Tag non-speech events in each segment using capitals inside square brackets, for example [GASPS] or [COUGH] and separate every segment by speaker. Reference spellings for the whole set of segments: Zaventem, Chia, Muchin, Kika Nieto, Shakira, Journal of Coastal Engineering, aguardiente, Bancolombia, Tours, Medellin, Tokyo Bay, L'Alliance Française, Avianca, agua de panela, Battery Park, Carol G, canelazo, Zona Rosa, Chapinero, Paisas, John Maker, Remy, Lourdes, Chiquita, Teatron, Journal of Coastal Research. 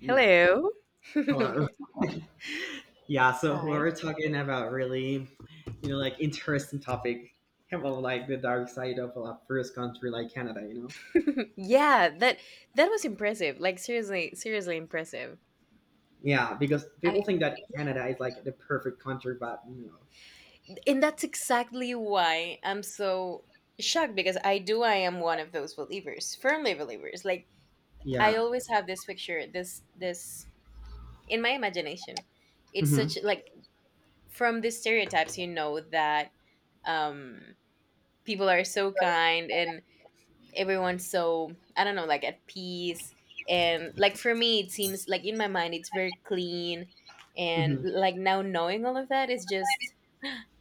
Speaker 1: Now,
Speaker 2: Hello. [LAUGHS]
Speaker 1: hello. [LAUGHS] Yeah, so
Speaker 2: Hi.
Speaker 1: we're talking about really, like interesting topic about like the dark side of a first country like Canada, you know?
Speaker 2: [LAUGHS] Yeah, that was impressive. Like, seriously, seriously impressive.
Speaker 1: Yeah, because
Speaker 2: I
Speaker 1: people think that Canada is like the perfect country, but you know,
Speaker 2: and that's exactly why I'm so shocked, because I am one of those believers, firmly believers. Like, I
Speaker 1: yeah.
Speaker 2: always have this picture, this in my imagination. It's
Speaker 1: hmm
Speaker 2: such, like, from these stereotypes that um people are so kind, and everyone's so, I don't know, like at peace, and, like, for me it seems like in my mind it's very clean, and,
Speaker 1: hmm
Speaker 2: like, now knowing all of that is just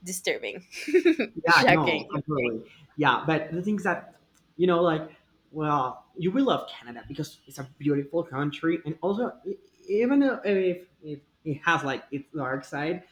Speaker 2: disturbing, [LAUGHS]
Speaker 1: Yeah,
Speaker 2: shocking,
Speaker 1: no, completely. Yeah, but the things that, you know, like, well, you will love Canada because it's a beautiful country, and also even though if it has like its dark side,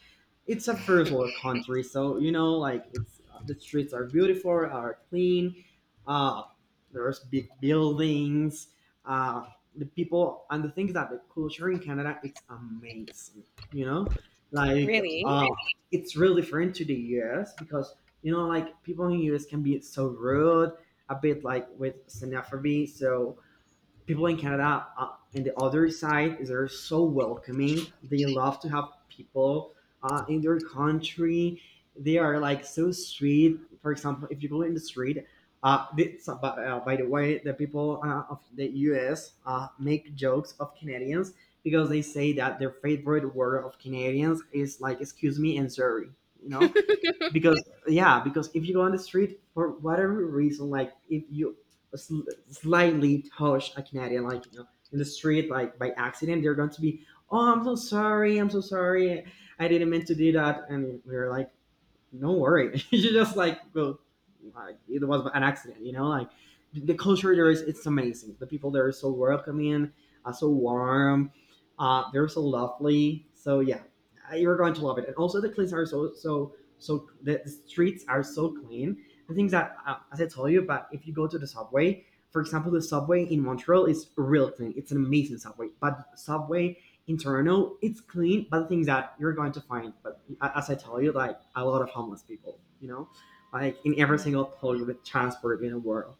Speaker 1: it's a first world country, so you know, like it's the streets are beautiful, are clean. Uh, there's big buildings. Uh, the people and the things that the culture in Canada, it's amazing. You know, like
Speaker 2: really.
Speaker 1: uh, it's real different to the US because you know, like people in US can be so rude, a bit like with xenophobia. So people in Canada and the other side is they're so welcoming. They love to have people in their country. They are like so sweet. For example, if you go in the street, by the way, the people of the U.S. Make jokes of Canadians because they say that their favorite word of Canadians is like "excuse me" and "sorry." You know, because yeah, because if you go on the street for whatever reason, like if you sl- slightly touch a canadian, like you know, in the street, like by accident, they're going to be, "Oh, I'm so sorry, I'm so sorry, I didn't mean to do that," and we are like, "No worry." [LAUGHS] You just like go. Like, it was an accident, you know. Like the it's amazing. The people there are so welcoming, so warm. They're so lovely. So yeah, you're going to love it. And also the cleans are so. The streets are so clean. The things that, as I told you, but if you go to the subway, for example, the subway in Montreal is real clean. It's an amazing subway. But subway internal. It's clean, but the things that you're going to find, but as I tell you, like a lot of homeless people, you know, like in every
Speaker 2: Yeah.
Speaker 1: single public transport in the world,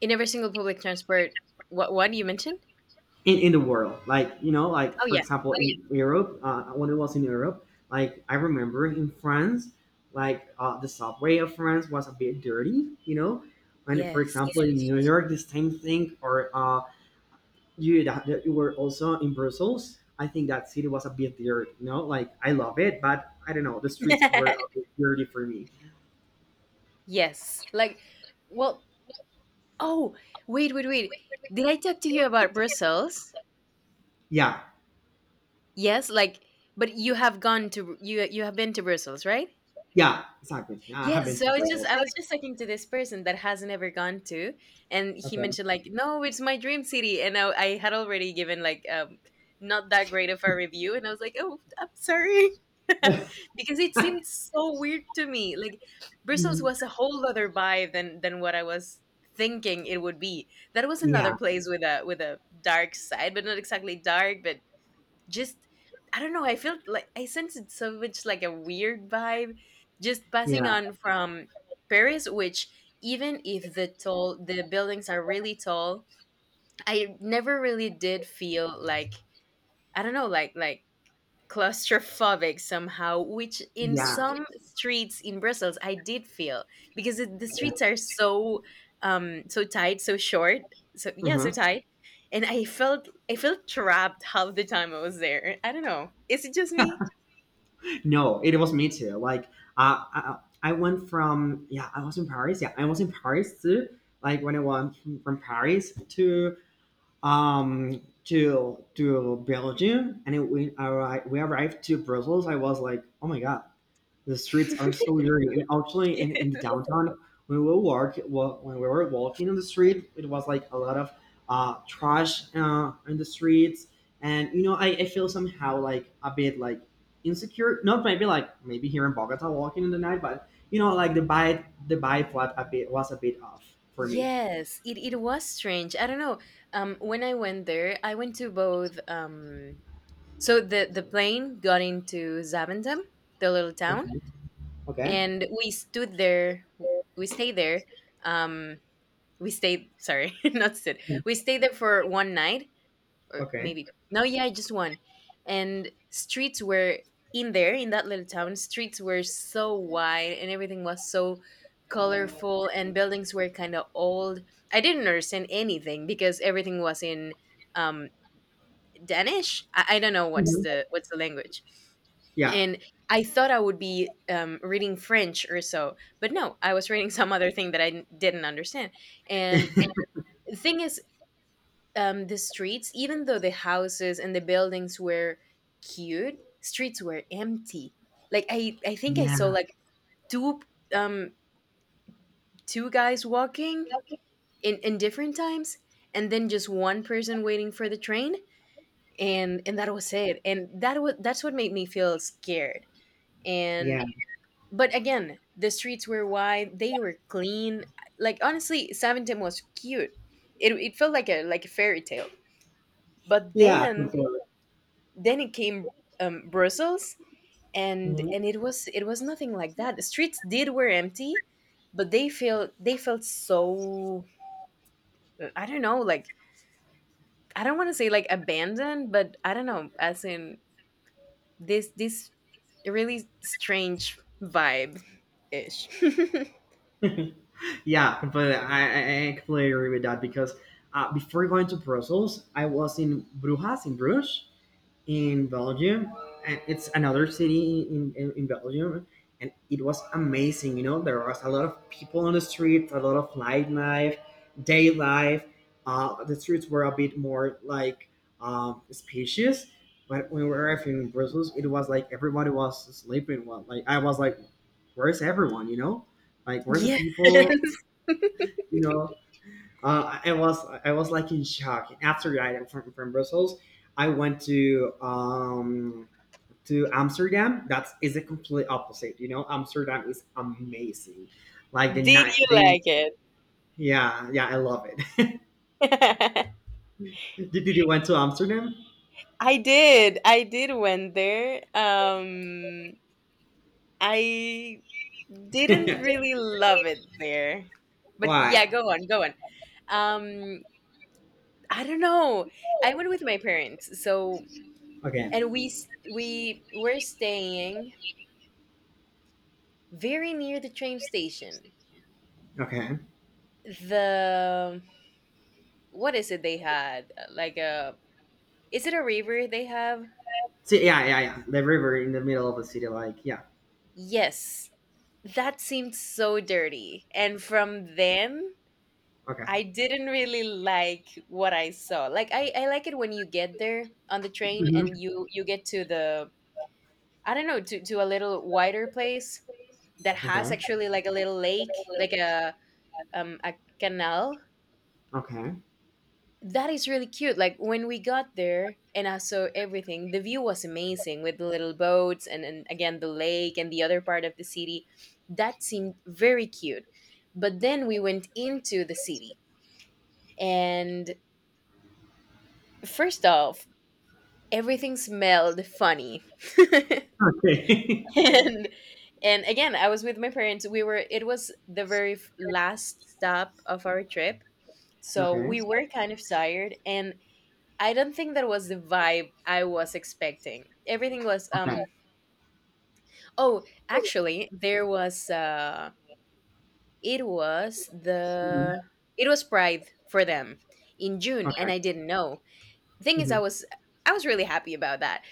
Speaker 2: In every single public transport, what one you mentioned?
Speaker 1: in the world, like you know, like
Speaker 2: Oh,
Speaker 1: for
Speaker 2: yeah.
Speaker 1: example, in Europe, when it was in Europe, like I remember in France, the subway of France was a bit dirty, you know, and for
Speaker 2: Yes.
Speaker 1: example in New York, the same thing, or you that you were also in Brussels. I think that city was a bit weird, you know? Like I love it, but I don't know, the streets were a
Speaker 2: [LAUGHS]
Speaker 1: bit dirty for me.
Speaker 2: Yes. Like, well, oh, wait, wait, wait. Did I talk to you about Brussels?
Speaker 1: Yeah.
Speaker 2: Yes, like, but you have been to Brussels, right?
Speaker 1: Yeah, exactly. Yeah, I have
Speaker 2: Yes,
Speaker 1: been to
Speaker 2: so I just
Speaker 1: Brussels.
Speaker 2: I was just talking to this person that has never gone to, and he
Speaker 1: Okay.
Speaker 2: mentioned, like, no, it's my dream city, and I had already given, like, not that great of a review, and I was like, oh, I'm sorry, [LAUGHS]
Speaker 1: [LAUGHS]
Speaker 2: because it seemed so weird to me. Like, Brussels
Speaker 1: Mhm.
Speaker 2: was a whole other vibe than what I was thinking it would be. That was another
Speaker 1: Yeah,
Speaker 2: place with a dark side, but not exactly dark, but just, I don't know, I felt like I sensed so much like a weird vibe just passing
Speaker 1: yeah,
Speaker 2: on from Paris, which, even if the buildings are really tall, I never really did feel like, I don't know, like claustrophobic somehow, which in
Speaker 1: yeah.
Speaker 2: some streets in Brussels I did feel because it, the
Speaker 1: Yeah.
Speaker 2: streets are so, so tight, so short, so yeah, so
Speaker 1: Uh-huh.
Speaker 2: tight, and I felt trapped half the time I was there. I don't know. Is it just me?
Speaker 1: No, it was me too. Like, uh, I, I went from yeah, I was in Paris. Yeah, I was in Paris too. Like when I went from Paris to to Belgium, and we arrived to Brussels. I was like, oh my god, the streets are so dirty. And actually, in the
Speaker 2: [LAUGHS]
Speaker 1: downtown, when we when we were walking on the street, it was like a lot of trash in the streets, and you know, I feel somehow like a bit like insecure. Not maybe like maybe here in Bogota walking in the night, but you know, like the vibe was a bit off for
Speaker 2: Yeah.
Speaker 1: me.
Speaker 2: Yes, it was strange. I don't know. When I went there, I went to both. So the plane got into Zaventem, the little town,
Speaker 1: Okay.
Speaker 2: and we stayed there, um we stayed, sorry, [LAUGHS] not stood,
Speaker 1: Okay.
Speaker 2: we stayed there for one night, or
Speaker 1: Okay.
Speaker 2: maybe no, yeah, just one. And streets were in that little town, streets were so wide, and everything was so colorful, and buildings were kind of old. I didn't understand anything because everything was in, um Danish. I don't know what's the language.
Speaker 1: Yeah.
Speaker 2: And I thought I would be, reading French or so, but no, I was reading [LAUGHS] some other thing that I didn't understand. And the thing is, the streets, even though the houses and the buildings were cute, streets were empty. Like, I think I saw
Speaker 1: Yeah.
Speaker 2: like two, um, two guys walking in different times, and then just one person waiting for the train, and that was it. And that's what made me feel scared. And
Speaker 1: Yeah.
Speaker 2: but again, the streets were wide, they were clean, like, honestly, Saventum was cute, it felt like a fairy tale, but
Speaker 1: Yeah.
Speaker 2: then
Speaker 1: Completely.
Speaker 2: then it came, Brussels. and
Speaker 1: Mhm.
Speaker 2: and it was nothing like that, the streets did were empty, but they felt so, I don't know, like, I don't want to say like abandoned, but I don't know, as in, this really strange vibe ish. [LAUGHS]
Speaker 1: [LAUGHS] Yeah. Completely. I completely agree with that because before going to Brussels, I was in Brujas in Bruges, in Belgium, and it's another city in Belgium, and it was amazing. You know, there was a lot of people on the streets, a lot of night life, day life. The streets were a bit more like spacious, but when we were arriving in Brussels, it was like everybody was sleeping. Well, like I was like, where's everyone? You know, like where's the
Speaker 2: Yeah. [LAUGHS]
Speaker 1: people? [LAUGHS] You know, uh, I was I was like in shock. After I from Brussels, I went to Amsterdam, that's is the complete opposite. You know, Amsterdam is amazing. Like the
Speaker 2: Did you
Speaker 1: night, they
Speaker 2: like it?
Speaker 1: yeah, yeah, I love it.
Speaker 2: [LAUGHS] I
Speaker 1: [LAUGHS] Did you went to Amsterdam?
Speaker 2: did. I did went there. I didn't
Speaker 1: [LAUGHS]
Speaker 2: really love it there, but yeah,
Speaker 1: Why?
Speaker 2: go on, go on. Um, I don't know. I went with my parents, so,
Speaker 1: Okay,
Speaker 2: and we were staying very near the train station.
Speaker 1: okay.
Speaker 2: The What is it they had? Like, a is it a river they have?
Speaker 1: See, yeah, yeah, yeah. The river in the middle of the city, like yeah.
Speaker 2: Yes, that seemed so dirty, and from then
Speaker 1: Okay.
Speaker 2: I didn't really like what I saw. Like, I like it when you get there on the train and
Speaker 1: Mhm.
Speaker 2: you get to the I don't know, to a little wider place that has
Speaker 1: Okay.
Speaker 2: actually like a little lake, like a canal.
Speaker 1: Okay.
Speaker 2: That is really cute. Like, when we got there and I saw everything, the view was amazing with the little boats, and again, the lake and the other part of the city. That seemed very cute. But then we went into the city, and first off, everything smelled funny. [LAUGHS]
Speaker 1: Okay.
Speaker 2: and and again, I was with my parents, we were it was the very last stop of our trip,
Speaker 1: [LAUGHS]
Speaker 2: so
Speaker 1: okay.
Speaker 2: we were kind of tired, and I don't think that was the vibe I was expecting. Everything was
Speaker 1: Okay.
Speaker 2: um Oh, actually, there was it was
Speaker 1: Mhm.
Speaker 2: the it was pride for them in June, and
Speaker 1: Okay.
Speaker 2: I didn't know. Thing is, i
Speaker 1: Mhm.
Speaker 2: was i was really happy about that,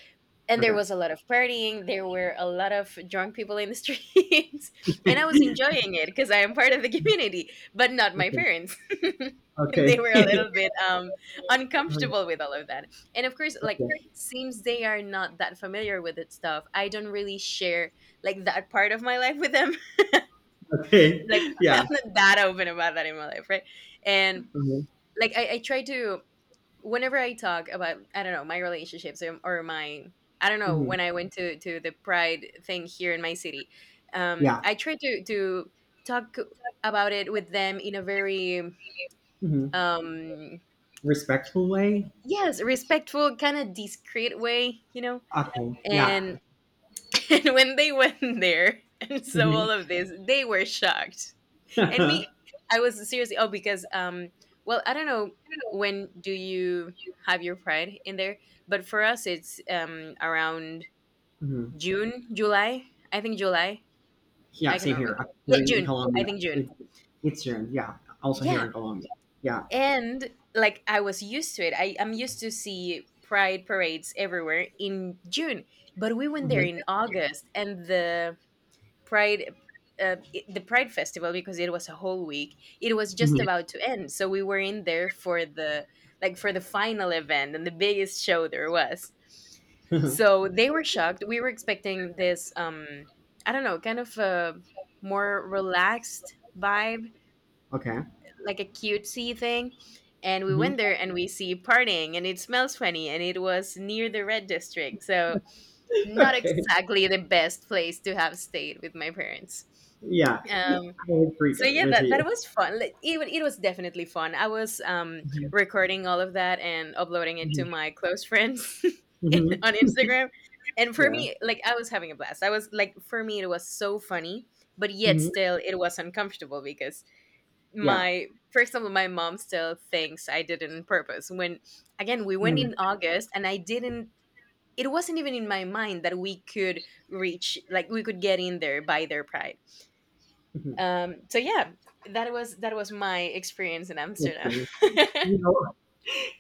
Speaker 2: and there
Speaker 1: Okay.
Speaker 2: was
Speaker 1: [LAUGHS]
Speaker 2: a lot of partying, there were a lot of drunk people in the streets. [LAUGHS] And I was enjoying it because I am part of the community, but not my
Speaker 1: Okay.
Speaker 2: parents. [LAUGHS] They
Speaker 1: Okay.
Speaker 2: were a
Speaker 1: [LAUGHS]
Speaker 2: little bit,
Speaker 1: okay.
Speaker 2: uncomfortable with all of that, and of course, like,
Speaker 1: Okay.
Speaker 2: since they are not that familiar with it stuff, I don't really share like that part of my life with them.
Speaker 1: Okay.
Speaker 2: [LAUGHS] Like,
Speaker 1: Yeah.
Speaker 2: I'm not that open about that in my life, right. And,
Speaker 1: Mhm,
Speaker 2: like, I try to, whenever I talk about, I don't know, my relationships, or my I don't know,
Speaker 1: mhm.
Speaker 2: when I went to the pride thing here in my city,
Speaker 1: Yeah,
Speaker 2: I try to talk about it with them in a very,
Speaker 1: mhm.
Speaker 2: um
Speaker 1: Respectful way?
Speaker 2: yes, respectful, kind of discreet way.
Speaker 1: Okay, yeah.
Speaker 2: And [LAUGHS] and when they went there [LAUGHS] and saw all
Speaker 1: Mhm.
Speaker 2: of this, they were shocked. And me, I was seriously, oh, because, well, I don't know, when do you have your pride in there? But for us it's, around
Speaker 1: Mhm. [LAUGHS]
Speaker 2: June, July, I think July,
Speaker 1: Yeah,
Speaker 2: I
Speaker 1: same
Speaker 2: cannot really
Speaker 1: here. I
Speaker 2: yeah,
Speaker 1: here in
Speaker 2: June, I
Speaker 1: Colombia.
Speaker 2: think June.
Speaker 1: It's it's June, yeah. Also here
Speaker 2: Yeah.
Speaker 1: in Colombia. Yeah.
Speaker 2: And, like, I was used to it, I'm used to see pride parades everywhere in June. But we went there
Speaker 1: Mhm.
Speaker 2: in August, and Pride, the Pride Festival, because it was a whole week, it was just about to end. So we were in there for the final event and the biggest show there was.
Speaker 1: Mhm.
Speaker 2: So they were shocked. We were expecting this, I don't know, kind of a more relaxed vibe,
Speaker 1: [LAUGHS] Okay.
Speaker 2: like a cutesy thing. And we
Speaker 1: Mhm.
Speaker 2: went there and we see partying and it smells funny, and it was near the red district. So
Speaker 1: [LAUGHS]
Speaker 2: not
Speaker 1: Okay.
Speaker 2: exactly the best place to have stayed with my parents.
Speaker 1: Yeah.
Speaker 2: Um,
Speaker 1: I agree
Speaker 2: so yeah,
Speaker 1: with
Speaker 2: that, that
Speaker 1: you.
Speaker 2: was fun. Like, it was definitely fun. I was,
Speaker 1: Mhm.
Speaker 2: recording all of that and uploading it to
Speaker 1: Mhm.
Speaker 2: my close friends [LAUGHS]
Speaker 1: Mhm.
Speaker 2: on Instagram. And for
Speaker 1: Yeah.
Speaker 2: me, like, I was having a blast. I was like, for me, it was so funny, but yet
Speaker 1: Mhm.
Speaker 2: still, it was uncomfortable because,
Speaker 1: Yeah.
Speaker 2: my for example, my mom still thinks I did it on purpose, when again we went
Speaker 1: Mhm.
Speaker 2: in August and I didn't it wasn't even in my mind that we could reach like we could get in there by their pride.
Speaker 1: Mhm.
Speaker 2: So yeah, that was my experience in
Speaker 1: Makes
Speaker 2: Amsterdam.
Speaker 1: sense. You know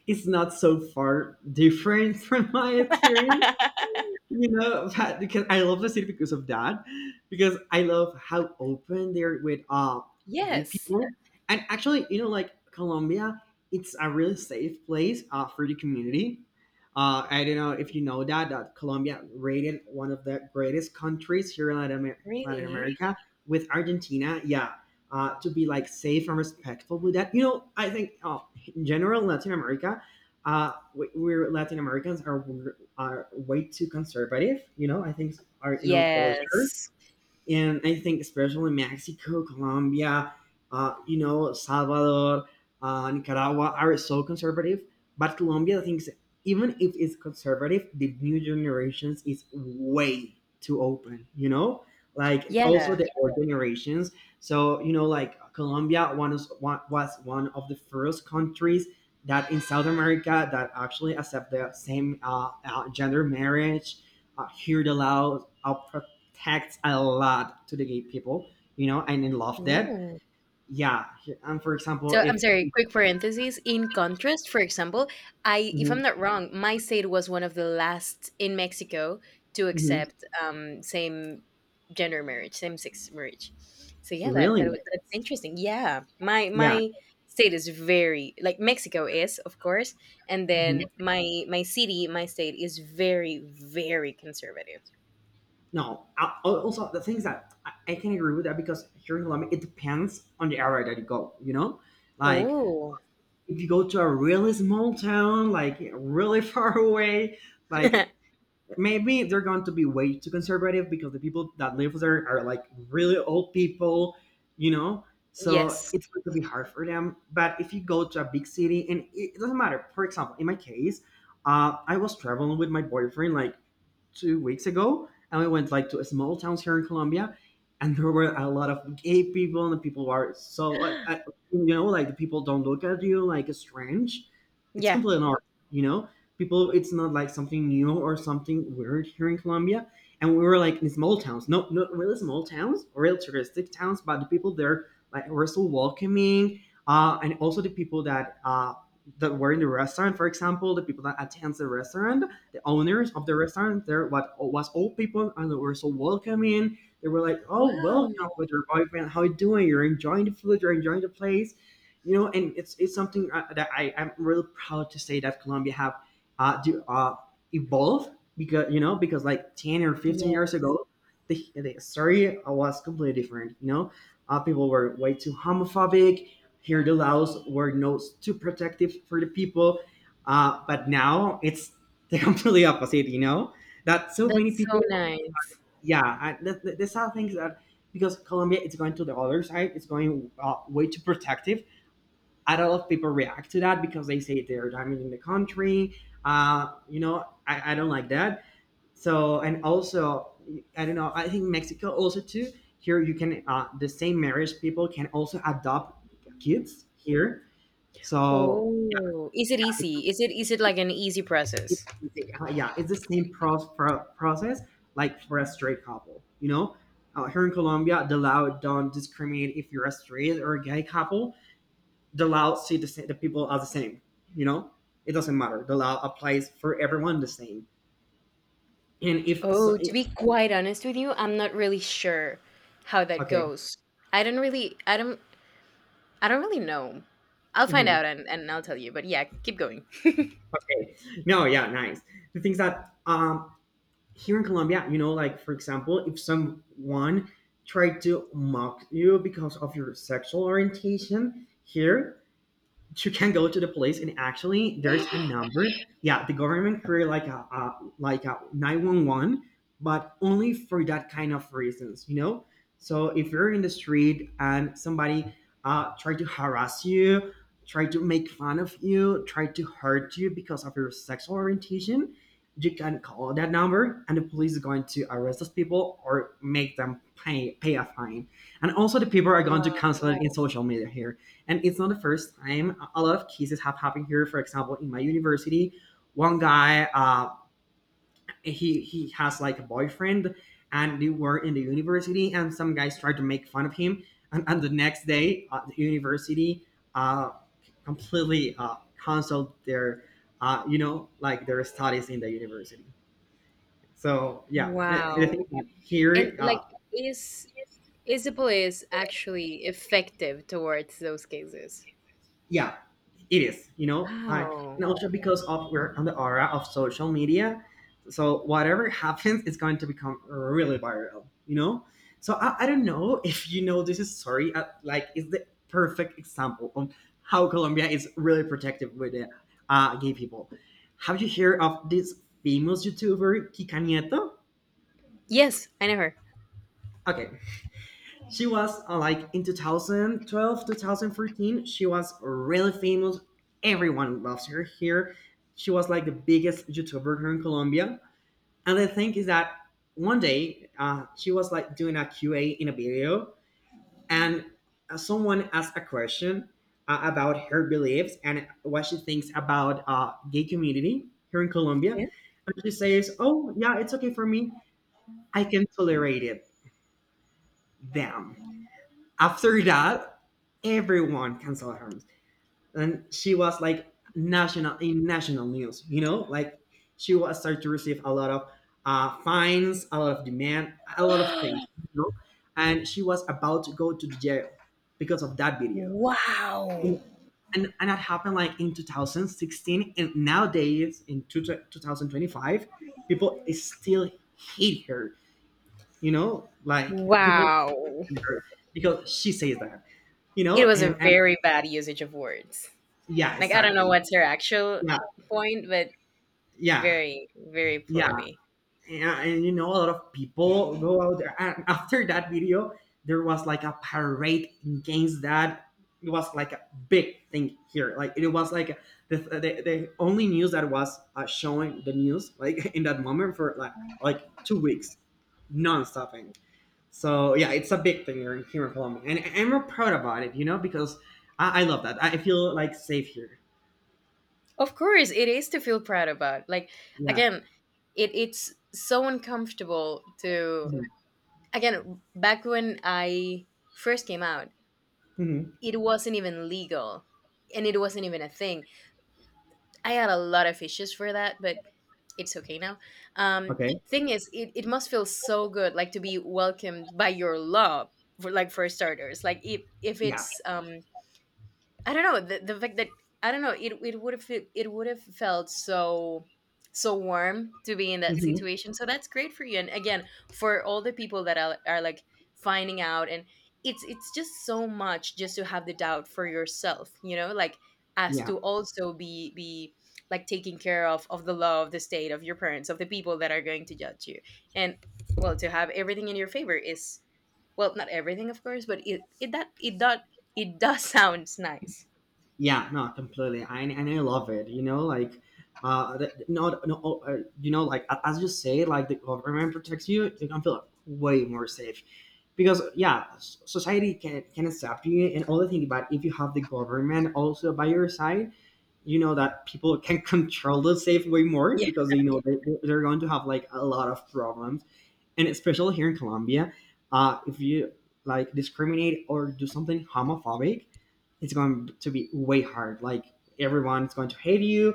Speaker 1: it's not so far different [LAUGHS] from my experience.
Speaker 2: [LAUGHS]
Speaker 1: You know, but- because I love the city because of that, because I love how open they're with gay
Speaker 2: Yes.
Speaker 1: people, and actually, you know, like Colombia, it's a really safe place for the community. I don't know if you know that Colombia rated one of the greatest countries here in Latin
Speaker 2: Really.
Speaker 1: America with Argentina. Yeah, to be like safe and respectful with that. You know, I think in general Latin America, we're Latin Americans are way too conservative. You know, I think our you know culture
Speaker 2: Yes.
Speaker 1: and I think especially Mexico, Colombia, you know, Salvador, Nicaragua are so conservative. But Colombia thinks even if it's conservative, the new generations is way too open. You know, like also
Speaker 2: Yeah.
Speaker 1: the old generations. So you know, like was one of the first countries that in South America that actually accept the same gender marriage. Here the law tagged a lot to the gay people, you know, and I love that.
Speaker 2: Ooh.
Speaker 1: Yeah. And for example,
Speaker 2: So I'm
Speaker 1: if
Speaker 2: sorry, quick parentheses. In contrast, for example, I if I'm
Speaker 1: Mhm,
Speaker 2: not wrong, my state was one of the last in Mexico to
Speaker 1: mhm,
Speaker 2: accept, same gender marriage, same sex marriage. So yeah,
Speaker 1: really,
Speaker 2: that's interesting. Yeah. My
Speaker 1: yeah,
Speaker 2: my state is very, like Mexico is, of course, and
Speaker 1: mhm.
Speaker 2: then my city, my state is very, very conservative.
Speaker 1: No. Also, the things that I can agree with that because here in Colombia, it depends on the area that you go, you know, like
Speaker 2: Oh.
Speaker 1: if you go to a really small town, like really [LAUGHS] far away, like
Speaker 2: [LAUGHS]
Speaker 1: maybe they're going to be way too conservative because the people that live there are like really old people, you know. So
Speaker 2: Yes.
Speaker 1: it's going to be hard for them. But if you go to a big city, and it doesn't matter. For example, in my case, I was traveling with my boyfriend like 2 weeks ago, and we went like to a small towns here in Colombia, and there were a lot of gay people, and the people are so,
Speaker 2: [GASPS]
Speaker 1: you know, like the people don't look at you like strange. It's
Speaker 2: Yeah.
Speaker 1: completely normal, you know people it's not like something new or something weird here in Colombia. And we were like in small towns, no, not really small towns, real touristic towns, but the people there like were so welcoming, and also the people that that were in the restaurant, for example, the people that attends the restaurant, the owners of the restaurant, there what was old people and they were so welcoming. They were like, "Oh, welcome
Speaker 2: Wow.
Speaker 1: with your boyfriend. How you doing? You're enjoying the food. You're enjoying the place." You know, and it's something that I am really proud to say that Colombia have uh, do, uh, evolve because you know because like 10 or 15 years
Speaker 2: Yes.
Speaker 1: ago the story was completely different you know, people were way too homophobic, here the laws were no too protective for the people, but now it's the [LAUGHS] completely opposite, you know, that so many
Speaker 2: That's so
Speaker 1: people
Speaker 2: nice.
Speaker 1: yeah these are things that because colombia it's going to the other side, it's going way too protective, a lot of people react to that because they say they're damaging the country. You know, I don't like that. So, and also, I don't know, I think Mexico also too, here you can, the same marriage people can also adopt kids here. So, yeah,
Speaker 2: Oh, is it
Speaker 1: yeah, it's,
Speaker 2: easy? Is it like an easy
Speaker 1: it's,
Speaker 2: process?
Speaker 1: yeah, it's the same process like for a straight couple, you know? Here in Colombia, the law don't discriminate if you're a straight or a gay couple. The law see the people are the same, you know? It doesn't matter, the law applies for everyone the same. And if so,
Speaker 2: Oh, to be quite honest with you, I'm not really sure how that
Speaker 1: okay.
Speaker 2: goes. I don't really I don't I don't really know. I'll find out,
Speaker 1: mhm,
Speaker 2: and I'll tell you, but yeah, keep going.
Speaker 1: okay. No, yeah, nice. The things that here in Colombia, you know, like for example, if someone tried to mock you because of your sexual orientation here, you can go to the police, and actually there's a
Speaker 2: [GASPS]
Speaker 1: number. Yeah, the government created like a like a 911, but only for that kind of reasons, you know. So if you're in the street and somebody try to harass you, try to make fun of you, try to hurt you because of your sexual orientation, you can call that number and the police is going to arrest those people or make them pay a fine. And also the people are going to
Speaker 2: Wow.
Speaker 1: cancel it in social media here. And it's not the first time. A lot of cases have happened here. For example, in my university, one guy, he has like a boyfriend, and they were in the university, and some guys tried to make fun of him. And the next day, the university uh, completely canceled their, like their studies in the university. So yeah, I
Speaker 2: Wow.
Speaker 1: think that
Speaker 2: And,
Speaker 1: here
Speaker 2: like, is is the police actually effective towards those cases?
Speaker 1: yeah, it is, you know. I
Speaker 2: Wow.
Speaker 1: And also because of we're on the aura of social media, so whatever happens it's going to become really viral, you know. So I don't know if you know this, is sorry, like it's the perfect example of how Colombia is really protective with gay people. Have you heard of this famous YouTuber Kika Nieto?
Speaker 2: Yes, I know her.
Speaker 1: Okay. She was like in 2012, she was really famous. Everyone loves her here. She was like the biggest YouTuber here in Colombia. And the thing is that one day she was like doing a Q&A in a video, and someone asked a question about her beliefs and what she thinks about gay community here in Colombia. And she says, "Oh yeah, it's okay for me. I can tolerate it. Damn." After that, everyone canceled her, and she was like national, in national news. You know, like she was started to receive a lot of fines, a lot of demand, a lot of
Speaker 2: Yeah.
Speaker 1: things. You know, and she was about to go to the jail because of that
Speaker 2: [GASPS]
Speaker 1: video.
Speaker 2: Wow.
Speaker 1: And that happened like in 2016, and nowadays in 2025, people is still hate her, you know, like people
Speaker 2: Wow.
Speaker 1: hate her because she says that, you
Speaker 2: It
Speaker 1: know.
Speaker 2: was
Speaker 1: And
Speaker 2: a very bad usage of words.
Speaker 1: yeah,
Speaker 2: Like, I don't know
Speaker 1: exactly.
Speaker 2: what's her actual
Speaker 1: Yeah,
Speaker 2: point, but
Speaker 1: yeah,
Speaker 2: very, very
Speaker 1: yeah.
Speaker 2: poorly.
Speaker 1: And you know, a lot of people go out there. And after that video, there was like a parade against that. It was like a big thing here. Like it was like the only news that was showing the news like [LAUGHS] in that moment for like 2 weeks, non-stopping. So yeah, it's a big thing here in Colombia, and we're proud about it. You know, because I love that. I feel like safe here.
Speaker 2: Of course, it is to feel proud about. Like,
Speaker 1: Yeah.
Speaker 2: again, it's so uncomfortable to,
Speaker 1: Mhm.
Speaker 2: again, back when I first came out,
Speaker 1: Mhm.
Speaker 2: it wasn't even legal, and it wasn't even a thing. I had a lot of issues for that, but it's okay now. Um,
Speaker 1: Okay.
Speaker 2: Thing is, it must feel so good, like to be welcomed by your love, for, like, for starters. Like, if
Speaker 1: Yeah.
Speaker 2: it's, I don't know, the fact that I don't know, it would have felt so warm to be in that
Speaker 1: Hmm.
Speaker 2: situation. So that's great for you. And again, for all the people that are like finding out, and it's just so much, just to have the doubt for yourself, like, as
Speaker 1: Yeah,
Speaker 2: to also be like taking care of the law, of the state, of your parents, of the people that are going to judge you. And well, to have everything in your favor is, well, not everything of course, but it that it does [LAUGHS] sounds nice.
Speaker 1: yeah, no, completely. I And I love it. You know, like, the, no, no, oh, you know, like a- as you say, like the government protects you, you can feel way more safe, because yeah, s- society can accept you and all the things. But if you have the government also by your side, you know that people can [LAUGHS] control the safe way more
Speaker 2: Yeah.
Speaker 1: because they know they're going to have like a lot of problems, and especially here in Colombia, if you like discriminate or do something homophobic, it's going to be way hard. Like everyone's going to hate you.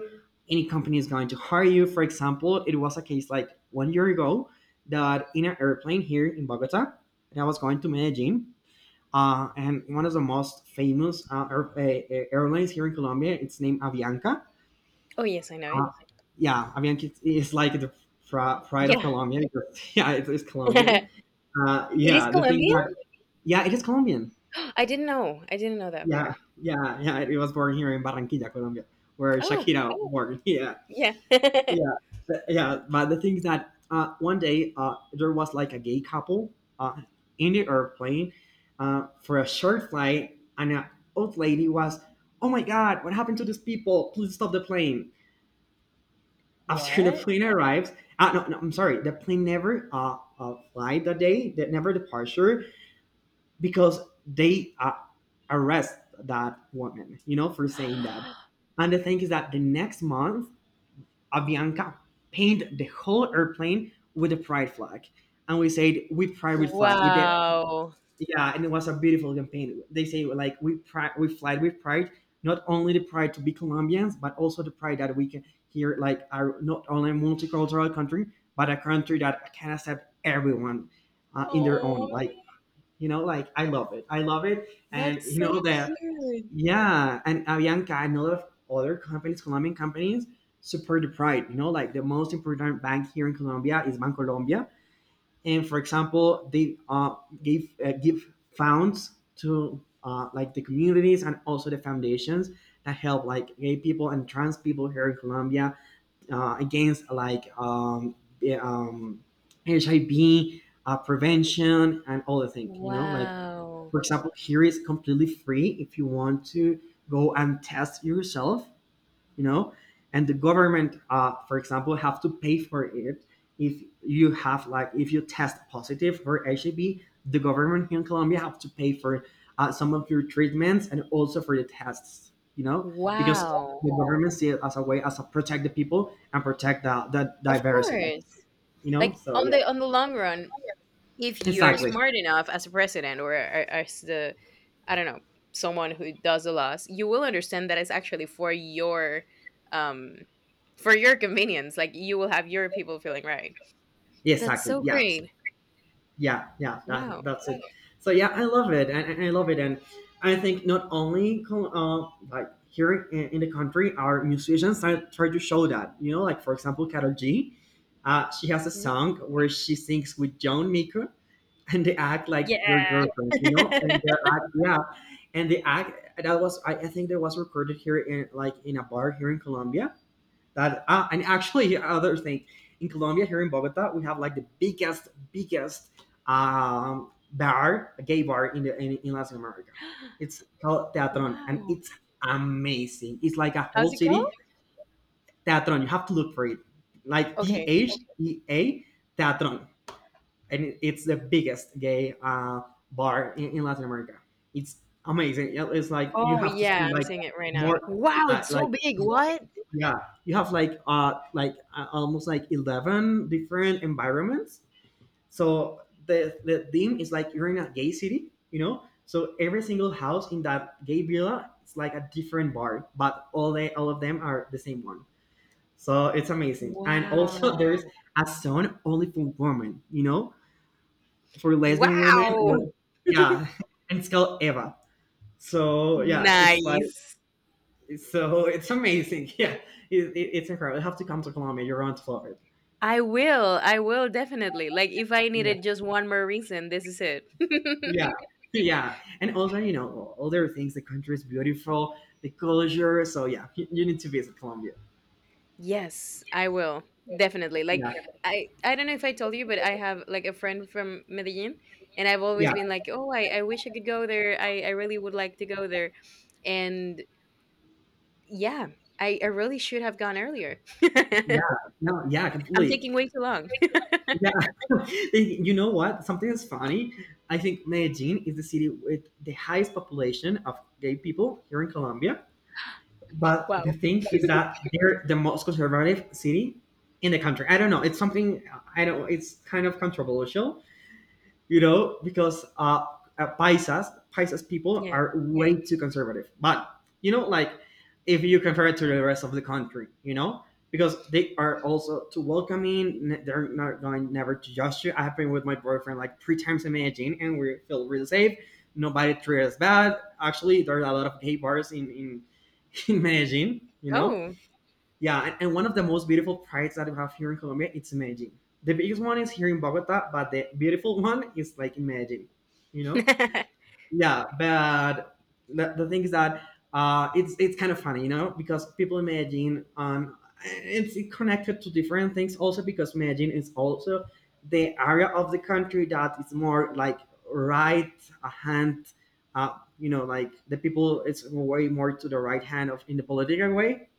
Speaker 1: Any company is going to hire you. For example, it was a case like 1 year ago that in an airplane here in Bogota, and I was going to Medellin, and one of the most famous airlines here in Colombia, it's named Avianca.
Speaker 2: Oh, yes, I know it.
Speaker 1: Uh, yeah, Avianca is like the pride of
Speaker 2: Yeah.
Speaker 1: Colombia because [LAUGHS] yeah, it's Colombian.
Speaker 2: [LAUGHS] It is
Speaker 1: Yeah, the thing
Speaker 2: Colombian?
Speaker 1: that yeah, it is Colombian.
Speaker 2: [GASPS] I didn't know. I didn't know that
Speaker 1: Yeah,
Speaker 2: part.
Speaker 1: yeah, yeah. It was born here in Barranquilla, Colombia, where
Speaker 2: Oh,
Speaker 1: Shakira was born. [LAUGHS] Yeah,
Speaker 2: yeah. [LAUGHS]
Speaker 1: yeah. Yeah. But the thing is that one day there was like a gay couple uh, in the airplane, for a short flight, and an old lady was, "Oh my God, what happened to these people? Please stop the plane." After the
Speaker 2: What?
Speaker 1: plane arrives, no, no, I'm sorry, the plane never flight that day, that never departure because they arrest that woman, you know, for saying that. And the thing is that the next month, Avianca painted the whole airplane with a pride flag, and we said we pride with flag. We did,
Speaker 2: Wow.
Speaker 1: yeah, and it was a beautiful campaign. They say like we pride, we fly with pride, not only the pride to be Colombians, but also the pride that we can here like are not only a multicultural country, but a country that can accept everyone in their own
Speaker 2: Oh,
Speaker 1: like, you know, like I love it. I love it. And
Speaker 2: that's
Speaker 1: you
Speaker 2: so
Speaker 1: know that
Speaker 2: cute.
Speaker 1: yeah, and Avianca and a lot of other companies, Colombian companies, support the pride. You know, like the most important bank here in Colombia is Bancolombia, and for example, they give funds to like the communities and also the foundations that help like gay people and trans people here in Colombia against the, um, HIV prevention and all the things. You know, like
Speaker 2: Wow.
Speaker 1: for example, here is completely free if you want to go and test yourself, you know, and the government, for example, have to pay for it if you have like if you test positive for HIV, the government here in Colombia have to pay for some of your treatments and also for the tests, you know, because
Speaker 2: Wow.
Speaker 1: the government see it as a way as a protect the people and protect the
Speaker 2: Of
Speaker 1: diversity,
Speaker 2: course.
Speaker 1: you know.
Speaker 2: Like,
Speaker 1: So
Speaker 2: on
Speaker 1: yeah,
Speaker 2: the long run, if you're
Speaker 1: exactly,
Speaker 2: smart enough as a president, or as the, I don't know, someone who does the laws, you will understand that it's actually for your, um for your convenience. Like, you will have your people feeling right.
Speaker 1: yeah,
Speaker 2: That's
Speaker 1: exactly,
Speaker 2: so
Speaker 1: yeah.
Speaker 2: great.
Speaker 1: Yeah, yeah,
Speaker 2: Wow.
Speaker 1: that's it. So yeah, I love it, and I love it. And I think not only like here in the country, our musicians are, try to show that, you know, like for example Carol G, she has a
Speaker 2: Yeah,
Speaker 1: song where she sings with John Maker, and they act like their
Speaker 2: yeah.
Speaker 1: girlfriend, you know, and they
Speaker 2: [LAUGHS]
Speaker 1: act, yeah, and they act, that was I think that was recorded here in like in a bar here in Colombia. That and actually other thing, in Colombia, here in Bogota, we have like the biggest bar a gay bar in in Latin America. It's called Teatron, and
Speaker 2: Wow.
Speaker 1: it's amazing. It's like a
Speaker 2: How's
Speaker 1: whole
Speaker 2: it
Speaker 1: city.
Speaker 2: called?
Speaker 1: Teatron. You have to look for it, like T
Speaker 2: Okay.
Speaker 1: H E A, Teatron. And it's the biggest gay bar in Latin America. It's amazing. Yeah, it's like you
Speaker 2: Oh
Speaker 1: have to
Speaker 2: yeah,
Speaker 1: spend
Speaker 2: I'm
Speaker 1: like
Speaker 2: seeing it right now.
Speaker 1: more
Speaker 2: Wow,
Speaker 1: uh,
Speaker 2: it's
Speaker 1: like
Speaker 2: so big. What?
Speaker 1: yeah you have like almost like 11 different environments. So theme is like you're in a gay city, you know, so every single house in that gay villa it's like a different bar, but all they all of them are the same one. So it's amazing, and also [LAUGHS]
Speaker 2: Wow.
Speaker 1: there's a zone only for women, you know, for lesbian women,
Speaker 2: Wow.
Speaker 1: or
Speaker 2: [LAUGHS]
Speaker 1: yeah [LAUGHS] and it's called Eva. So yeah, it's like
Speaker 2: Nice.
Speaker 1: so it's amazing. [LAUGHS] Yeah, it's incredible. You have to come to Colombia. You're on to Florida.
Speaker 2: I will. I will definitely. Like, if I
Speaker 1: Yeah,
Speaker 2: needed just one more reason, this is it.
Speaker 1: yeah,
Speaker 2: [LAUGHS]
Speaker 1: [LAUGHS] yeah. And also, you know, all other things. The country is beautiful. The culture. So yeah, you need to visit Colombia.
Speaker 2: Yes, I will. Definitely. Like,
Speaker 1: Yeah,
Speaker 2: I don't know if I told you, but I have like a friend from Medellin, and I've always
Speaker 1: yeah,
Speaker 2: been like, "Oh, I wish I could go there. I really would like to go there." And yeah, I really should have gone earlier.
Speaker 1: yeah.
Speaker 2: [LAUGHS]
Speaker 1: No, yeah,
Speaker 2: I'm
Speaker 1: completely.
Speaker 2: taking way too long.
Speaker 1: Yeah. [LAUGHS] You know what? Something that's funny. I think Medellin is the city with the highest population of gay people here in Colombia.
Speaker 2: [LAUGHS]
Speaker 1: But the
Speaker 2: Wow.
Speaker 1: thing is that they're the most conservative city in the country. I don't know. It's something I don't. It's kind of controversial, you know, because Paisas people
Speaker 2: Yeah.
Speaker 1: are way too conservative. But you know, like if you compare it to the rest of the country, you know, because they are also too welcoming. They're not going never to judge you. I have been with my boyfriend like three times in Medellin, and we feel really safe. Nobody treats us bad. Actually, there are a lot of gay bars in [LAUGHS] in Medellin, you know,
Speaker 2: Oh.
Speaker 1: yeah, and one of the most beautiful prides that we have here in Colombia, it's Medellin. The biggest one is here in Bogota, but the beautiful [LAUGHS] one is like in Medellin, you know?
Speaker 2: [LAUGHS]
Speaker 1: Yeah, but the thing is that it's kind of funny, you know, because people in Medellin, it's connected to different things also because Medellin is also the area of the country that is more like right hand, you know, like the people, it's way more to the right hand of in the political way.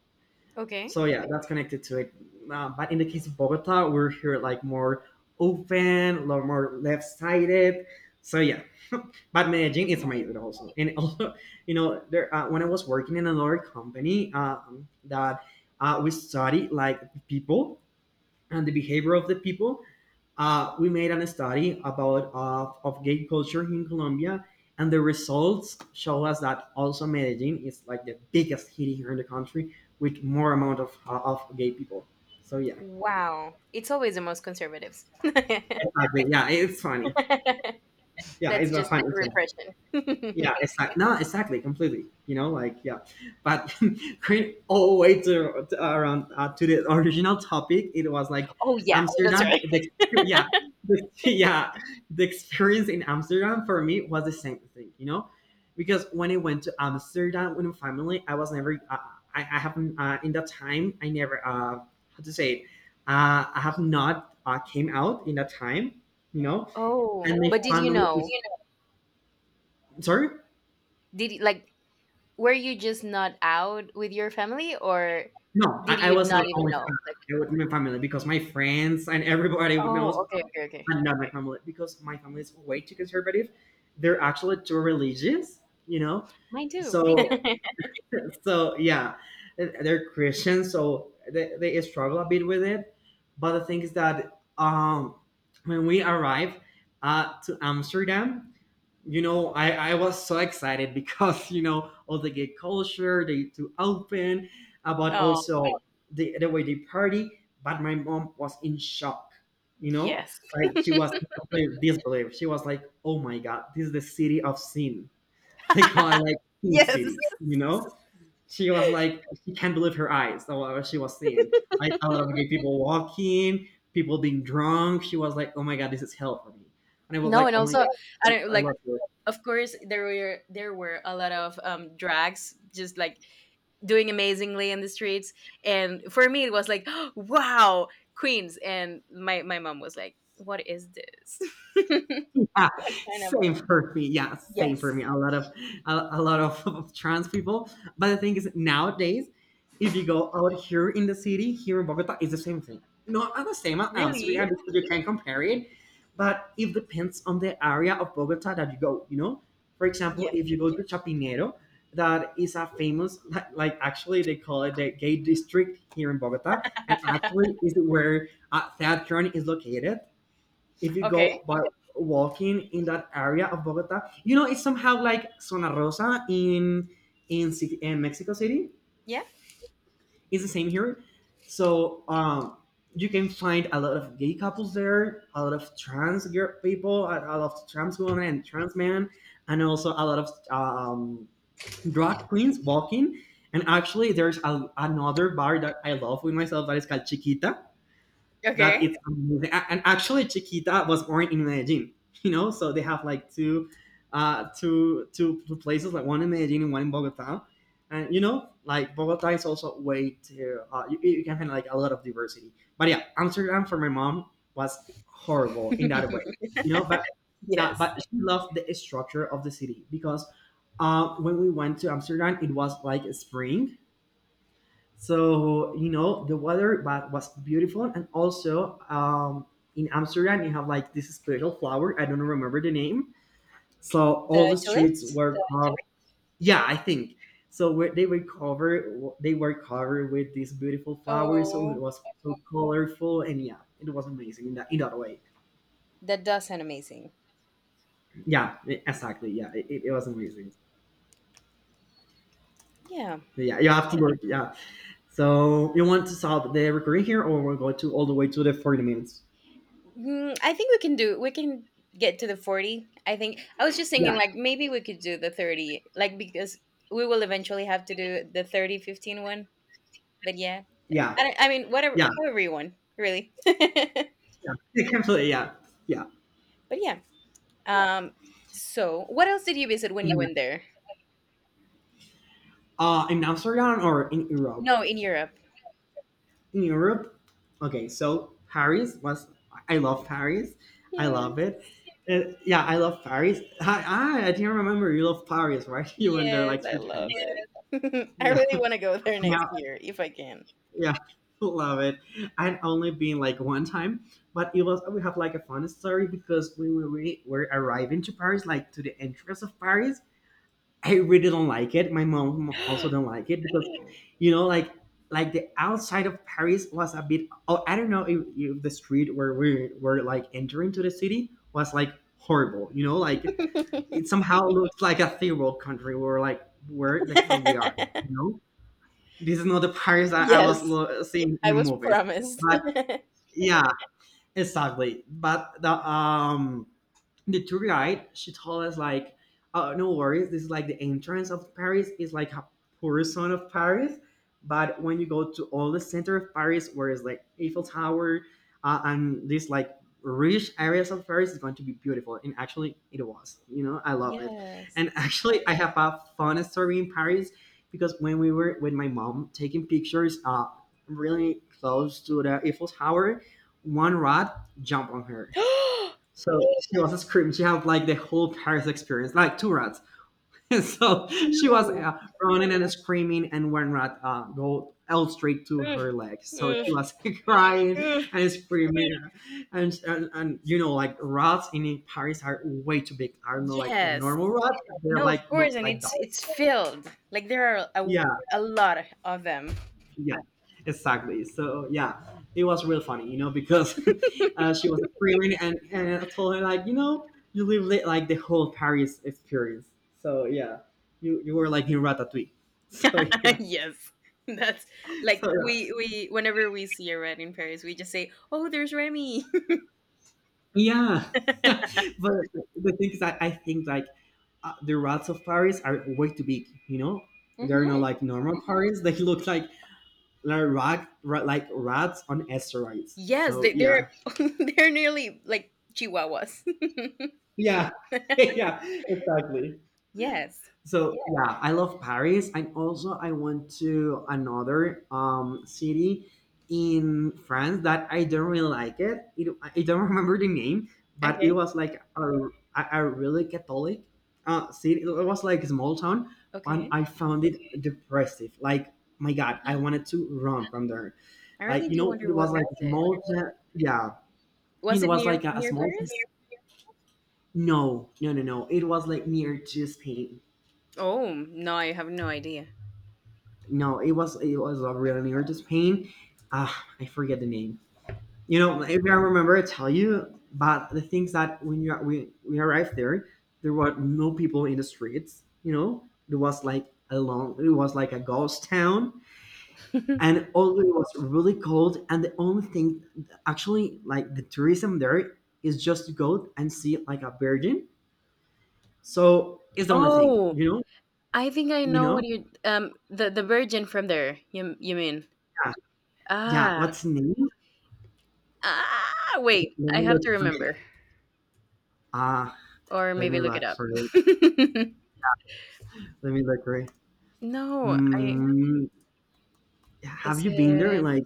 Speaker 2: Okay.
Speaker 1: So yeah, that's connected to it. But in the case of Bogota, we're here like more open, a lot more left-sided. So yeah, [LAUGHS] but Medellin is
Speaker 2: Nice.
Speaker 1: amazing also. And [LAUGHS] also, you know, there when I was working in another company, that we study like people and the behavior of the people we made a study about of gay culture in Colombia, and the results show us that also Medellin is like the biggest city here in the country with more amount of gay people. So yeah,
Speaker 2: Wow. It's always the most conservatives. [LAUGHS]
Speaker 1: exactly. Yeah, it's funny. Yeah,
Speaker 2: That's
Speaker 1: it's a
Speaker 2: just
Speaker 1: funny thing.
Speaker 2: repression.
Speaker 1: Yeah,
Speaker 2: [LAUGHS]
Speaker 1: it's like no, exactly, completely, you know, like yeah but [LAUGHS] going all the way to around to the original topic it was like
Speaker 2: Oh yeah, that's
Speaker 1: Amsterdam
Speaker 2: right.
Speaker 1: yeah [LAUGHS] yeah the experience in Amsterdam for me was the same thing, you know, because when I went to Amsterdam with my family I was never I haven't in that time I never how to say it I have not came out in that time, you
Speaker 2: [LAUGHS]
Speaker 1: know. And
Speaker 2: Oh,
Speaker 1: my
Speaker 2: but did you
Speaker 1: family is
Speaker 2: know?
Speaker 1: sorry.
Speaker 2: Like, were you just not out with your family, or
Speaker 1: No,
Speaker 2: did
Speaker 1: I
Speaker 2: you
Speaker 1: was
Speaker 2: not
Speaker 1: not
Speaker 2: even
Speaker 1: only family.
Speaker 2: know? Like,
Speaker 1: I was with my family because my friends and everybody would know,
Speaker 2: oh, okay, okay, okay.
Speaker 1: and not my family because my family is way too conservative. They're actually too religious, you know.
Speaker 2: Mine too.
Speaker 1: So
Speaker 2: [LAUGHS]
Speaker 1: so yeah, they're Christians, so they struggle a bit with it. But the thing is that when we arrived to Amsterdam, you know, I was so excited [LAUGHS] because you know all the gay culture, they to open, about right.
Speaker 2: Oh
Speaker 1: Also the way they party. But my mom was in shock, you know,
Speaker 2: yes.
Speaker 1: like she was in complete disbelief. She was like, "Oh my god, this is the city of sin." [LAUGHS] They call it
Speaker 2: [LAUGHS]
Speaker 1: like sin
Speaker 2: Yes.
Speaker 1: city, you know. She was like, she can't believe her eyes of what she was seeing. Like a lot of gay people walking, people being drunk. She was like, "Oh my god, this is hell for me," and I was
Speaker 2: No,
Speaker 1: like,
Speaker 2: and
Speaker 1: "Oh my
Speaker 2: also I
Speaker 1: god,
Speaker 2: don't
Speaker 1: I
Speaker 2: like.
Speaker 1: love you."
Speaker 2: Of course, there were a lot of drags, just like doing amazingly in the streets. And for me, it was like, [GASPS] wow, Queens. And my mom was like, what is this? [LAUGHS]
Speaker 1: Yeah,
Speaker 2: What kind of.
Speaker 1: same for me. Yeah, same for
Speaker 2: Yes,
Speaker 1: me. A lot of [LAUGHS] of trans people. But the thing is, nowadays, if you go out here in the city, here in Bogota, it's the same thing. Not at the same as
Speaker 2: really?
Speaker 1: Amsterdam because you can compare it, but it depends on the area of Bogota that you go. You know, for example,
Speaker 2: Yes.
Speaker 1: if you go to Chapinero, that is a famous like actually they call it the gay district here in Bogota, and actually is where Theatron is located if you
Speaker 2: Okay.
Speaker 1: go by walking in that area of Bogota, you know it's somehow like Zona Rosa in Mexico City.
Speaker 2: Yeah.
Speaker 1: It's the same here, so you can find a lot of gay couples there, a lot of trans girl people, a lot of trans women and trans men, and also a lot of drag queens walking. And actually, there's another bar that I love with myself that is called Chiquita that
Speaker 2: Okay.
Speaker 1: it's amazing. And actually, Chiquita was born in Medellin, you know, so they have like two, two places, like one in Medellin and one in Bogota. And you know, like Bogota is also way to you, you can find like a lot of diversity. But yeah, Amsterdam for my mom was horrible in that way,
Speaker 2: [LAUGHS]
Speaker 1: you know. But yeah,
Speaker 2: Yes?
Speaker 1: but she loved the structure of the city because when we went to Amsterdam, it was like spring, so you know the weather was beautiful, and also in Amsterdam you have like this special flower. I don't remember the name. So all
Speaker 2: The
Speaker 1: the streets
Speaker 2: tulips.
Speaker 1: were, yeah, I think. So where they were covered with these beautiful flowers. So it
Speaker 2: Oh,
Speaker 1: was so colorful, and yeah, it was amazing in that way.
Speaker 2: that does sound amazing.
Speaker 1: Yeah, exactly. Yeah, it was amazing.
Speaker 2: Yeah.
Speaker 1: But yeah, you have to work. Yeah. So you want to solve the recurring here, or we'll go to all the way to the 40 minutes.
Speaker 2: I think we can do. We can get to the 40. I think I was just
Speaker 1: Yeah,
Speaker 2: thinking like maybe we could do the 30, like, because we will eventually have to do the 30 15 one. But yeah,
Speaker 1: yeah,
Speaker 2: I don't- I mean, whatever,
Speaker 1: yeah.
Speaker 2: however you want, really. [LAUGHS] But
Speaker 1: Yeah, yeah, completely. Yeah, yeah.
Speaker 2: yeah. Um. So, what else did you visit when you
Speaker 1: In,
Speaker 2: went there?
Speaker 1: in Amsterdam or in Europe?
Speaker 2: No, in Europe.
Speaker 1: In Europe, okay. So Paris was. I love Paris. I love
Speaker 2: Yes.
Speaker 1: it. Yeah, I love Paris. I didn't remember you love Paris, right? [LAUGHS] You went there
Speaker 2: Yes,
Speaker 1: like
Speaker 2: I
Speaker 1: three times.
Speaker 2: love it. [LAUGHS] I
Speaker 1: Yeah,
Speaker 2: really want to go there next
Speaker 1: yeah,
Speaker 2: year if I can.
Speaker 1: yeah. [LAUGHS] Love it. I'd only been like one time, but it was we have like a fun story because when were arriving to Paris, like to the entrance of Paris, I really don't like it. My mom also don't like it because, you know, like the outside of Paris was a bit. Oh, I don't know if the street where we were like entering to the city was like horrible. You know, like it
Speaker 2: [LAUGHS]
Speaker 1: somehow looks like a third world country. We were like, where the hell we are? You know, this is not the Paris that I
Speaker 2: Yes,
Speaker 1: was seeing in
Speaker 2: I
Speaker 1: the
Speaker 2: was
Speaker 1: movies.
Speaker 2: promised.
Speaker 1: But yeah, exactly. But the tour guide she told us like oh no worries this is like the entrance of Paris is like a portion of Paris but when you go to all the center of Paris where it's like Eiffel Tower and these like rich areas of Paris is going to be beautiful and actually it was, you know, I
Speaker 2: [LAUGHS]
Speaker 1: love it.
Speaker 2: Yes.
Speaker 1: And [LAUGHS] actually I have a fun story in Paris because when we were with my mom taking pictures really close to the Eiffel Tower one rat jumped on
Speaker 2: [GASPS]
Speaker 1: her
Speaker 2: Two.
Speaker 1: so she was a screaming. She had like the whole Paris experience, like two rats. [LAUGHS] So she was running and screaming, and one rat go out straight to
Speaker 2: Ugh,
Speaker 1: her leg. So she
Speaker 2: ugh,
Speaker 1: was [LAUGHS] crying
Speaker 2: ugh.
Speaker 1: and screaming, and you know like rats in Paris are way too big. Are not like
Speaker 2: Yes.
Speaker 1: normal rats. They're
Speaker 2: No, of
Speaker 1: like look
Speaker 2: course, and
Speaker 1: like
Speaker 2: it's
Speaker 1: dogs.
Speaker 2: it's filled. Like, there are a,
Speaker 1: Yeah.
Speaker 2: a lot of them.
Speaker 1: Yeah, exactly, so yeah it was real funny, you know, because [LAUGHS] she was screaming, and I told her like you know you live like the whole Paris experience. So yeah, you were like in Ratatouille. [LAUGHS] So
Speaker 2: [LAUGHS]
Speaker 1: yeah.
Speaker 2: Yes. That's like,
Speaker 1: So
Speaker 2: we whenever we see a red in Paris, we just say, "Oh, there's Remy."
Speaker 1: yeah, yeah. [LAUGHS] But the thing is that I think like the rats of Paris are way too big, you know,
Speaker 2: [LAUGHS]
Speaker 1: they're not
Speaker 2: Hmm.
Speaker 1: like normal Paris, they look like rat, rat like rats on asteroids.
Speaker 2: Yes,
Speaker 1: So
Speaker 2: they, they're
Speaker 1: yeah
Speaker 2: [LAUGHS] they're nearly like chihuahuas. [LAUGHS]
Speaker 1: yeah [LAUGHS] yeah exactly.
Speaker 2: Yes.
Speaker 1: So yeah, I love Paris, and also I went to another city in France that I don't really it. I don't [LAUGHS] remember the name, but it
Speaker 2: Okay.
Speaker 1: was like a really Catholic city. It was like a small town, and
Speaker 2: Okay.
Speaker 1: I found it depressive. Like my God, I wanted to run from there.
Speaker 2: I
Speaker 1: Like
Speaker 2: really
Speaker 1: you
Speaker 2: do
Speaker 1: know,
Speaker 2: wonder
Speaker 1: it was
Speaker 2: what was
Speaker 1: like a
Speaker 2: it.
Speaker 1: small. [LAUGHS] Town. Yeah,
Speaker 2: Was
Speaker 1: it
Speaker 2: it
Speaker 1: was
Speaker 2: near
Speaker 1: like a
Speaker 2: near
Speaker 1: small.
Speaker 2: Paris?
Speaker 1: No, no, no, no. It was like near to Spain.
Speaker 2: Oh no, I have no idea.
Speaker 1: No, it was a really artist pain. Ah, I forget the name. You know, if I remember, I tell you. But the things that when you we arrived there, there were no people in the streets. You know, it was like a long, it was like a ghost town,
Speaker 2: [LAUGHS]
Speaker 1: and although it was really cold, and the only thing actually like the tourism there is just to go and see like a virgin. So it's the only thing.
Speaker 2: Oh, I think I
Speaker 1: You
Speaker 2: know what
Speaker 1: know,
Speaker 2: you the virgin from there. You mean.
Speaker 1: yeah, yeah.
Speaker 2: Ah.
Speaker 1: What's the name?
Speaker 2: ah? Wait,
Speaker 1: Let
Speaker 2: I
Speaker 1: me
Speaker 2: have
Speaker 1: look
Speaker 2: to
Speaker 1: for
Speaker 2: remember,
Speaker 1: it. Ah,
Speaker 2: or
Speaker 1: let me
Speaker 2: maybe look it
Speaker 1: look
Speaker 2: up.
Speaker 1: for it.
Speaker 2: [LAUGHS]
Speaker 1: Let me look for it.
Speaker 2: No, I,
Speaker 1: Mm, have
Speaker 2: is
Speaker 1: you been there?
Speaker 2: it?
Speaker 1: Like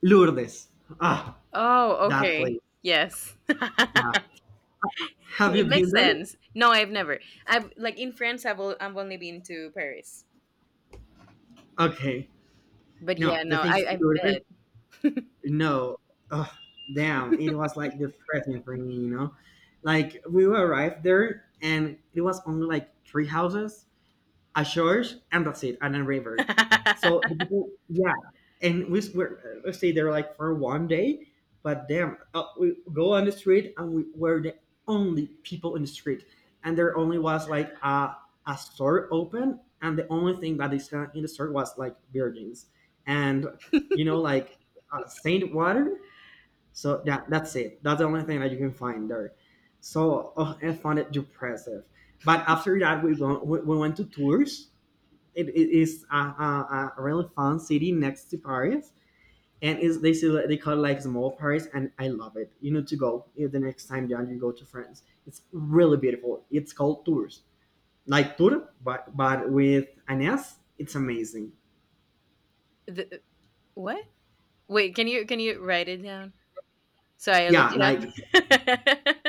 Speaker 1: Lourdes. Ah,
Speaker 2: Oh,
Speaker 1: that place.
Speaker 2: okay. Yes. [LAUGHS]
Speaker 1: Yeah. Have you
Speaker 2: It makes
Speaker 1: been there?
Speaker 2: sense. No, I've never. I've like, in France I've I've only been to Paris.
Speaker 1: Okay.
Speaker 2: But yeah,
Speaker 1: No, the
Speaker 2: no,
Speaker 1: thing
Speaker 2: I
Speaker 1: is
Speaker 2: I
Speaker 1: Lourdes.
Speaker 2: bet.
Speaker 1: No. Oh, damn. It was like depressing for me, you know? Like we arrived there and it was only like three houses a church, and that's it, and a river. So the
Speaker 2: [LAUGHS]
Speaker 1: people, yeah, and we were stay there like for one day, but damn, we go on the street and we were the only people in the street, and there only was like a store open, and the only thing that is in the store was like virgins, and you know like saint water. So yeah, that's it. That's the only thing that you can find there. So oh, I found it depressive. But after that, we went to Tours, it is a really fun city next to Paris, and is they say like- they call it like small Paris, and I love it. You need to go, you know, the next time John you go to France. It's really beautiful. It's called Tours, like tour, but with an S. It's amazing.
Speaker 2: The, what? Wait, can you write it down? So I look
Speaker 1: Yeah,
Speaker 2: it
Speaker 1: like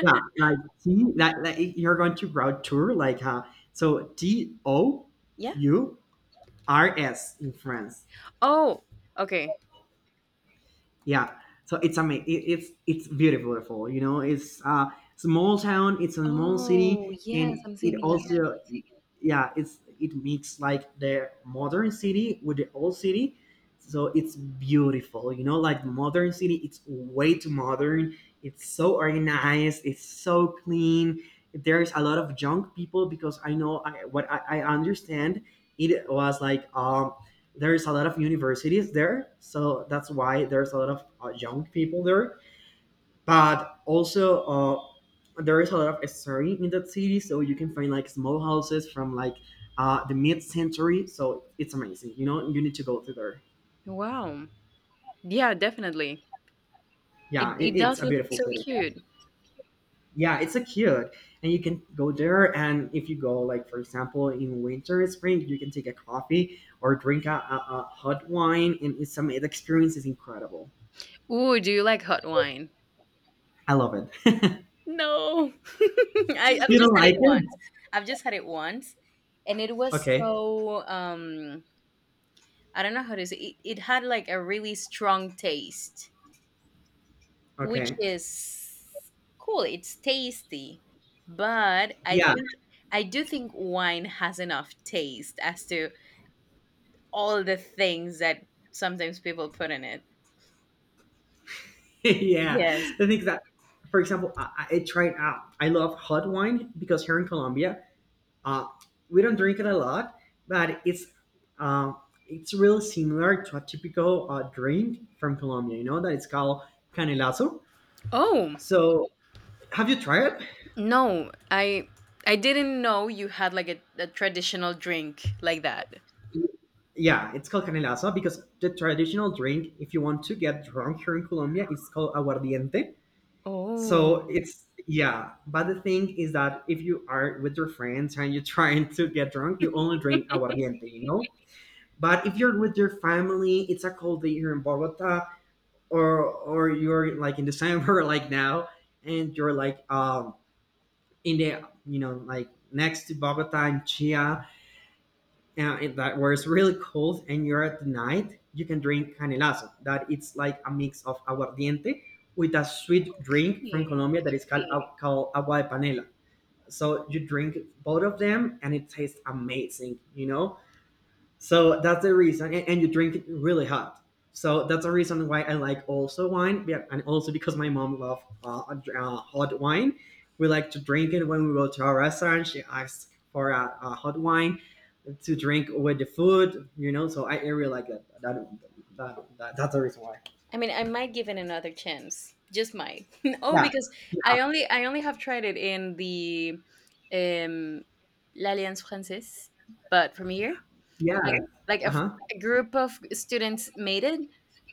Speaker 1: yeah,
Speaker 2: [LAUGHS]
Speaker 1: like T, like you're going to route tour, like so T O
Speaker 2: Yeah.
Speaker 1: U R S in France.
Speaker 2: Oh, okay.
Speaker 1: Yeah, so it's amazing, it's beautiful, you know, it's a small town, it's a small
Speaker 2: Oh,
Speaker 1: city,
Speaker 2: yes,
Speaker 1: and
Speaker 2: I'm
Speaker 1: it
Speaker 2: seeing it now.
Speaker 1: also yeah it's it makes like the modern city with the old city. So it's beautiful, you know, like the modern city it's way too modern, it's so organized, it's so clean. There's a lot of junk people because I know I understand it was like there is a lot of universities there, so that's why there's a lot of young people there. But also, there is a lot of history in that city, so you can find like small houses from like the mid-century. So it's amazing. You know, you need to go to there.
Speaker 2: Wow. Yeah, definitely. It
Speaker 1: Yeah, it,
Speaker 2: it
Speaker 1: it's
Speaker 2: does
Speaker 1: a
Speaker 2: look
Speaker 1: beautiful
Speaker 2: so
Speaker 1: city.
Speaker 2: cute.
Speaker 1: Yeah, it's a cute, and you can go there. And if you go, like for example, in winter, spring, you can take a coffee or drink a hot wine, and it's some. The experience is incredible.
Speaker 2: Ooh, do you like hot wine?
Speaker 1: I love it. [LAUGHS]
Speaker 2: No. [LAUGHS] I've
Speaker 1: You
Speaker 2: just
Speaker 1: don't
Speaker 2: had it
Speaker 1: like
Speaker 2: once.
Speaker 1: it?
Speaker 2: I've just had it once, and it was
Speaker 1: Okay.
Speaker 2: so I don't know how to say it. It had like a really strong taste, which
Speaker 1: Okay.
Speaker 2: is cool. It's tasty, but
Speaker 1: Yeah.
Speaker 2: I do think wine has enough taste as to all the things that sometimes people put in it.
Speaker 1: [LAUGHS] Yeah.
Speaker 2: Yes.
Speaker 1: The thing is that, for example, I tried out. I love hot wine because here in Colombia, uh, we don't drink it a lot, but uh, it's really similar to a typical drink from Colombia. You know that it's called canelazo.
Speaker 2: Oh,
Speaker 1: So have you tried it?
Speaker 2: no. I didn't know you had like a traditional drink like that.
Speaker 1: Yeah, it's called canelazo because the traditional drink, if you want to get drunk here in Colombia, it's called aguardiente.
Speaker 2: Oh,
Speaker 1: So it's yeah, but the thing is that if you are with your friends and you're [LAUGHS] trying to get drunk, you only drink aguardiente, you know. But if you're with your family, it's a cold day here in Bogota, or you're like in December [LAUGHS] like now, and you're like in the you know like next to Bogota and Chia, and that where it's really cold and you're at night, you can drink canelazo. That it's like a mix of aguardiente with a sweet drink from
Speaker 2: really?
Speaker 1: Colombia that is called, called agua de panela. So you drink both of them and it tastes amazing, you know? So that's the reason, and you drink it really hot. So that's the reason why I like also wine, yeah, and also because my mom loves hot wine. We like to drink it when we go to a restaurant. She asks for a hot wine to drink with the food, you know. So I really like that. That's the reason why.
Speaker 2: I mean, I might give it another chance. Just might. [LAUGHS] Oh,
Speaker 1: Yeah,
Speaker 2: because
Speaker 1: yeah,
Speaker 2: I only have tried it in the um L'Alliance Française, but from here,
Speaker 1: yeah,
Speaker 2: like, a,
Speaker 1: uh huh,
Speaker 2: a group of students made it,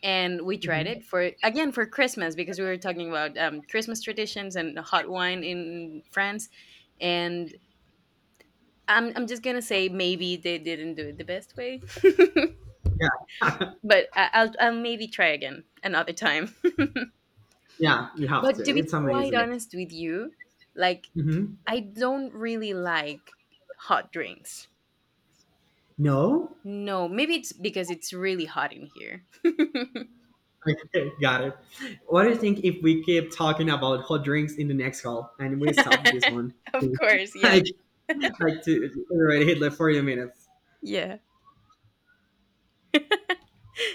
Speaker 2: and we tried
Speaker 1: hmm,
Speaker 2: it, for again, for Christmas, because we were talking about Christmas traditions and hot wine in France. And I'm just going to say maybe they didn't do it the best way. [LAUGHS]
Speaker 1: yeah,
Speaker 2: But I'll maybe try again another time. [LAUGHS]
Speaker 1: yeah. You have
Speaker 2: But
Speaker 1: to.
Speaker 2: to be
Speaker 1: It's
Speaker 2: quite
Speaker 1: amazing.
Speaker 2: honest with you, like,
Speaker 1: Hmm.
Speaker 2: I don't really like hot drinks.
Speaker 1: No,
Speaker 2: No, maybe it's because it's really hot in here.
Speaker 1: [LAUGHS] okay, got it. What do you think if we keep talking about hot drinks in the next call and we stop this
Speaker 2: [LAUGHS]
Speaker 1: one?
Speaker 2: Of course,
Speaker 1: [LAUGHS]
Speaker 2: yes.
Speaker 1: like, like to already hit like 40 minutes.
Speaker 2: Yeah.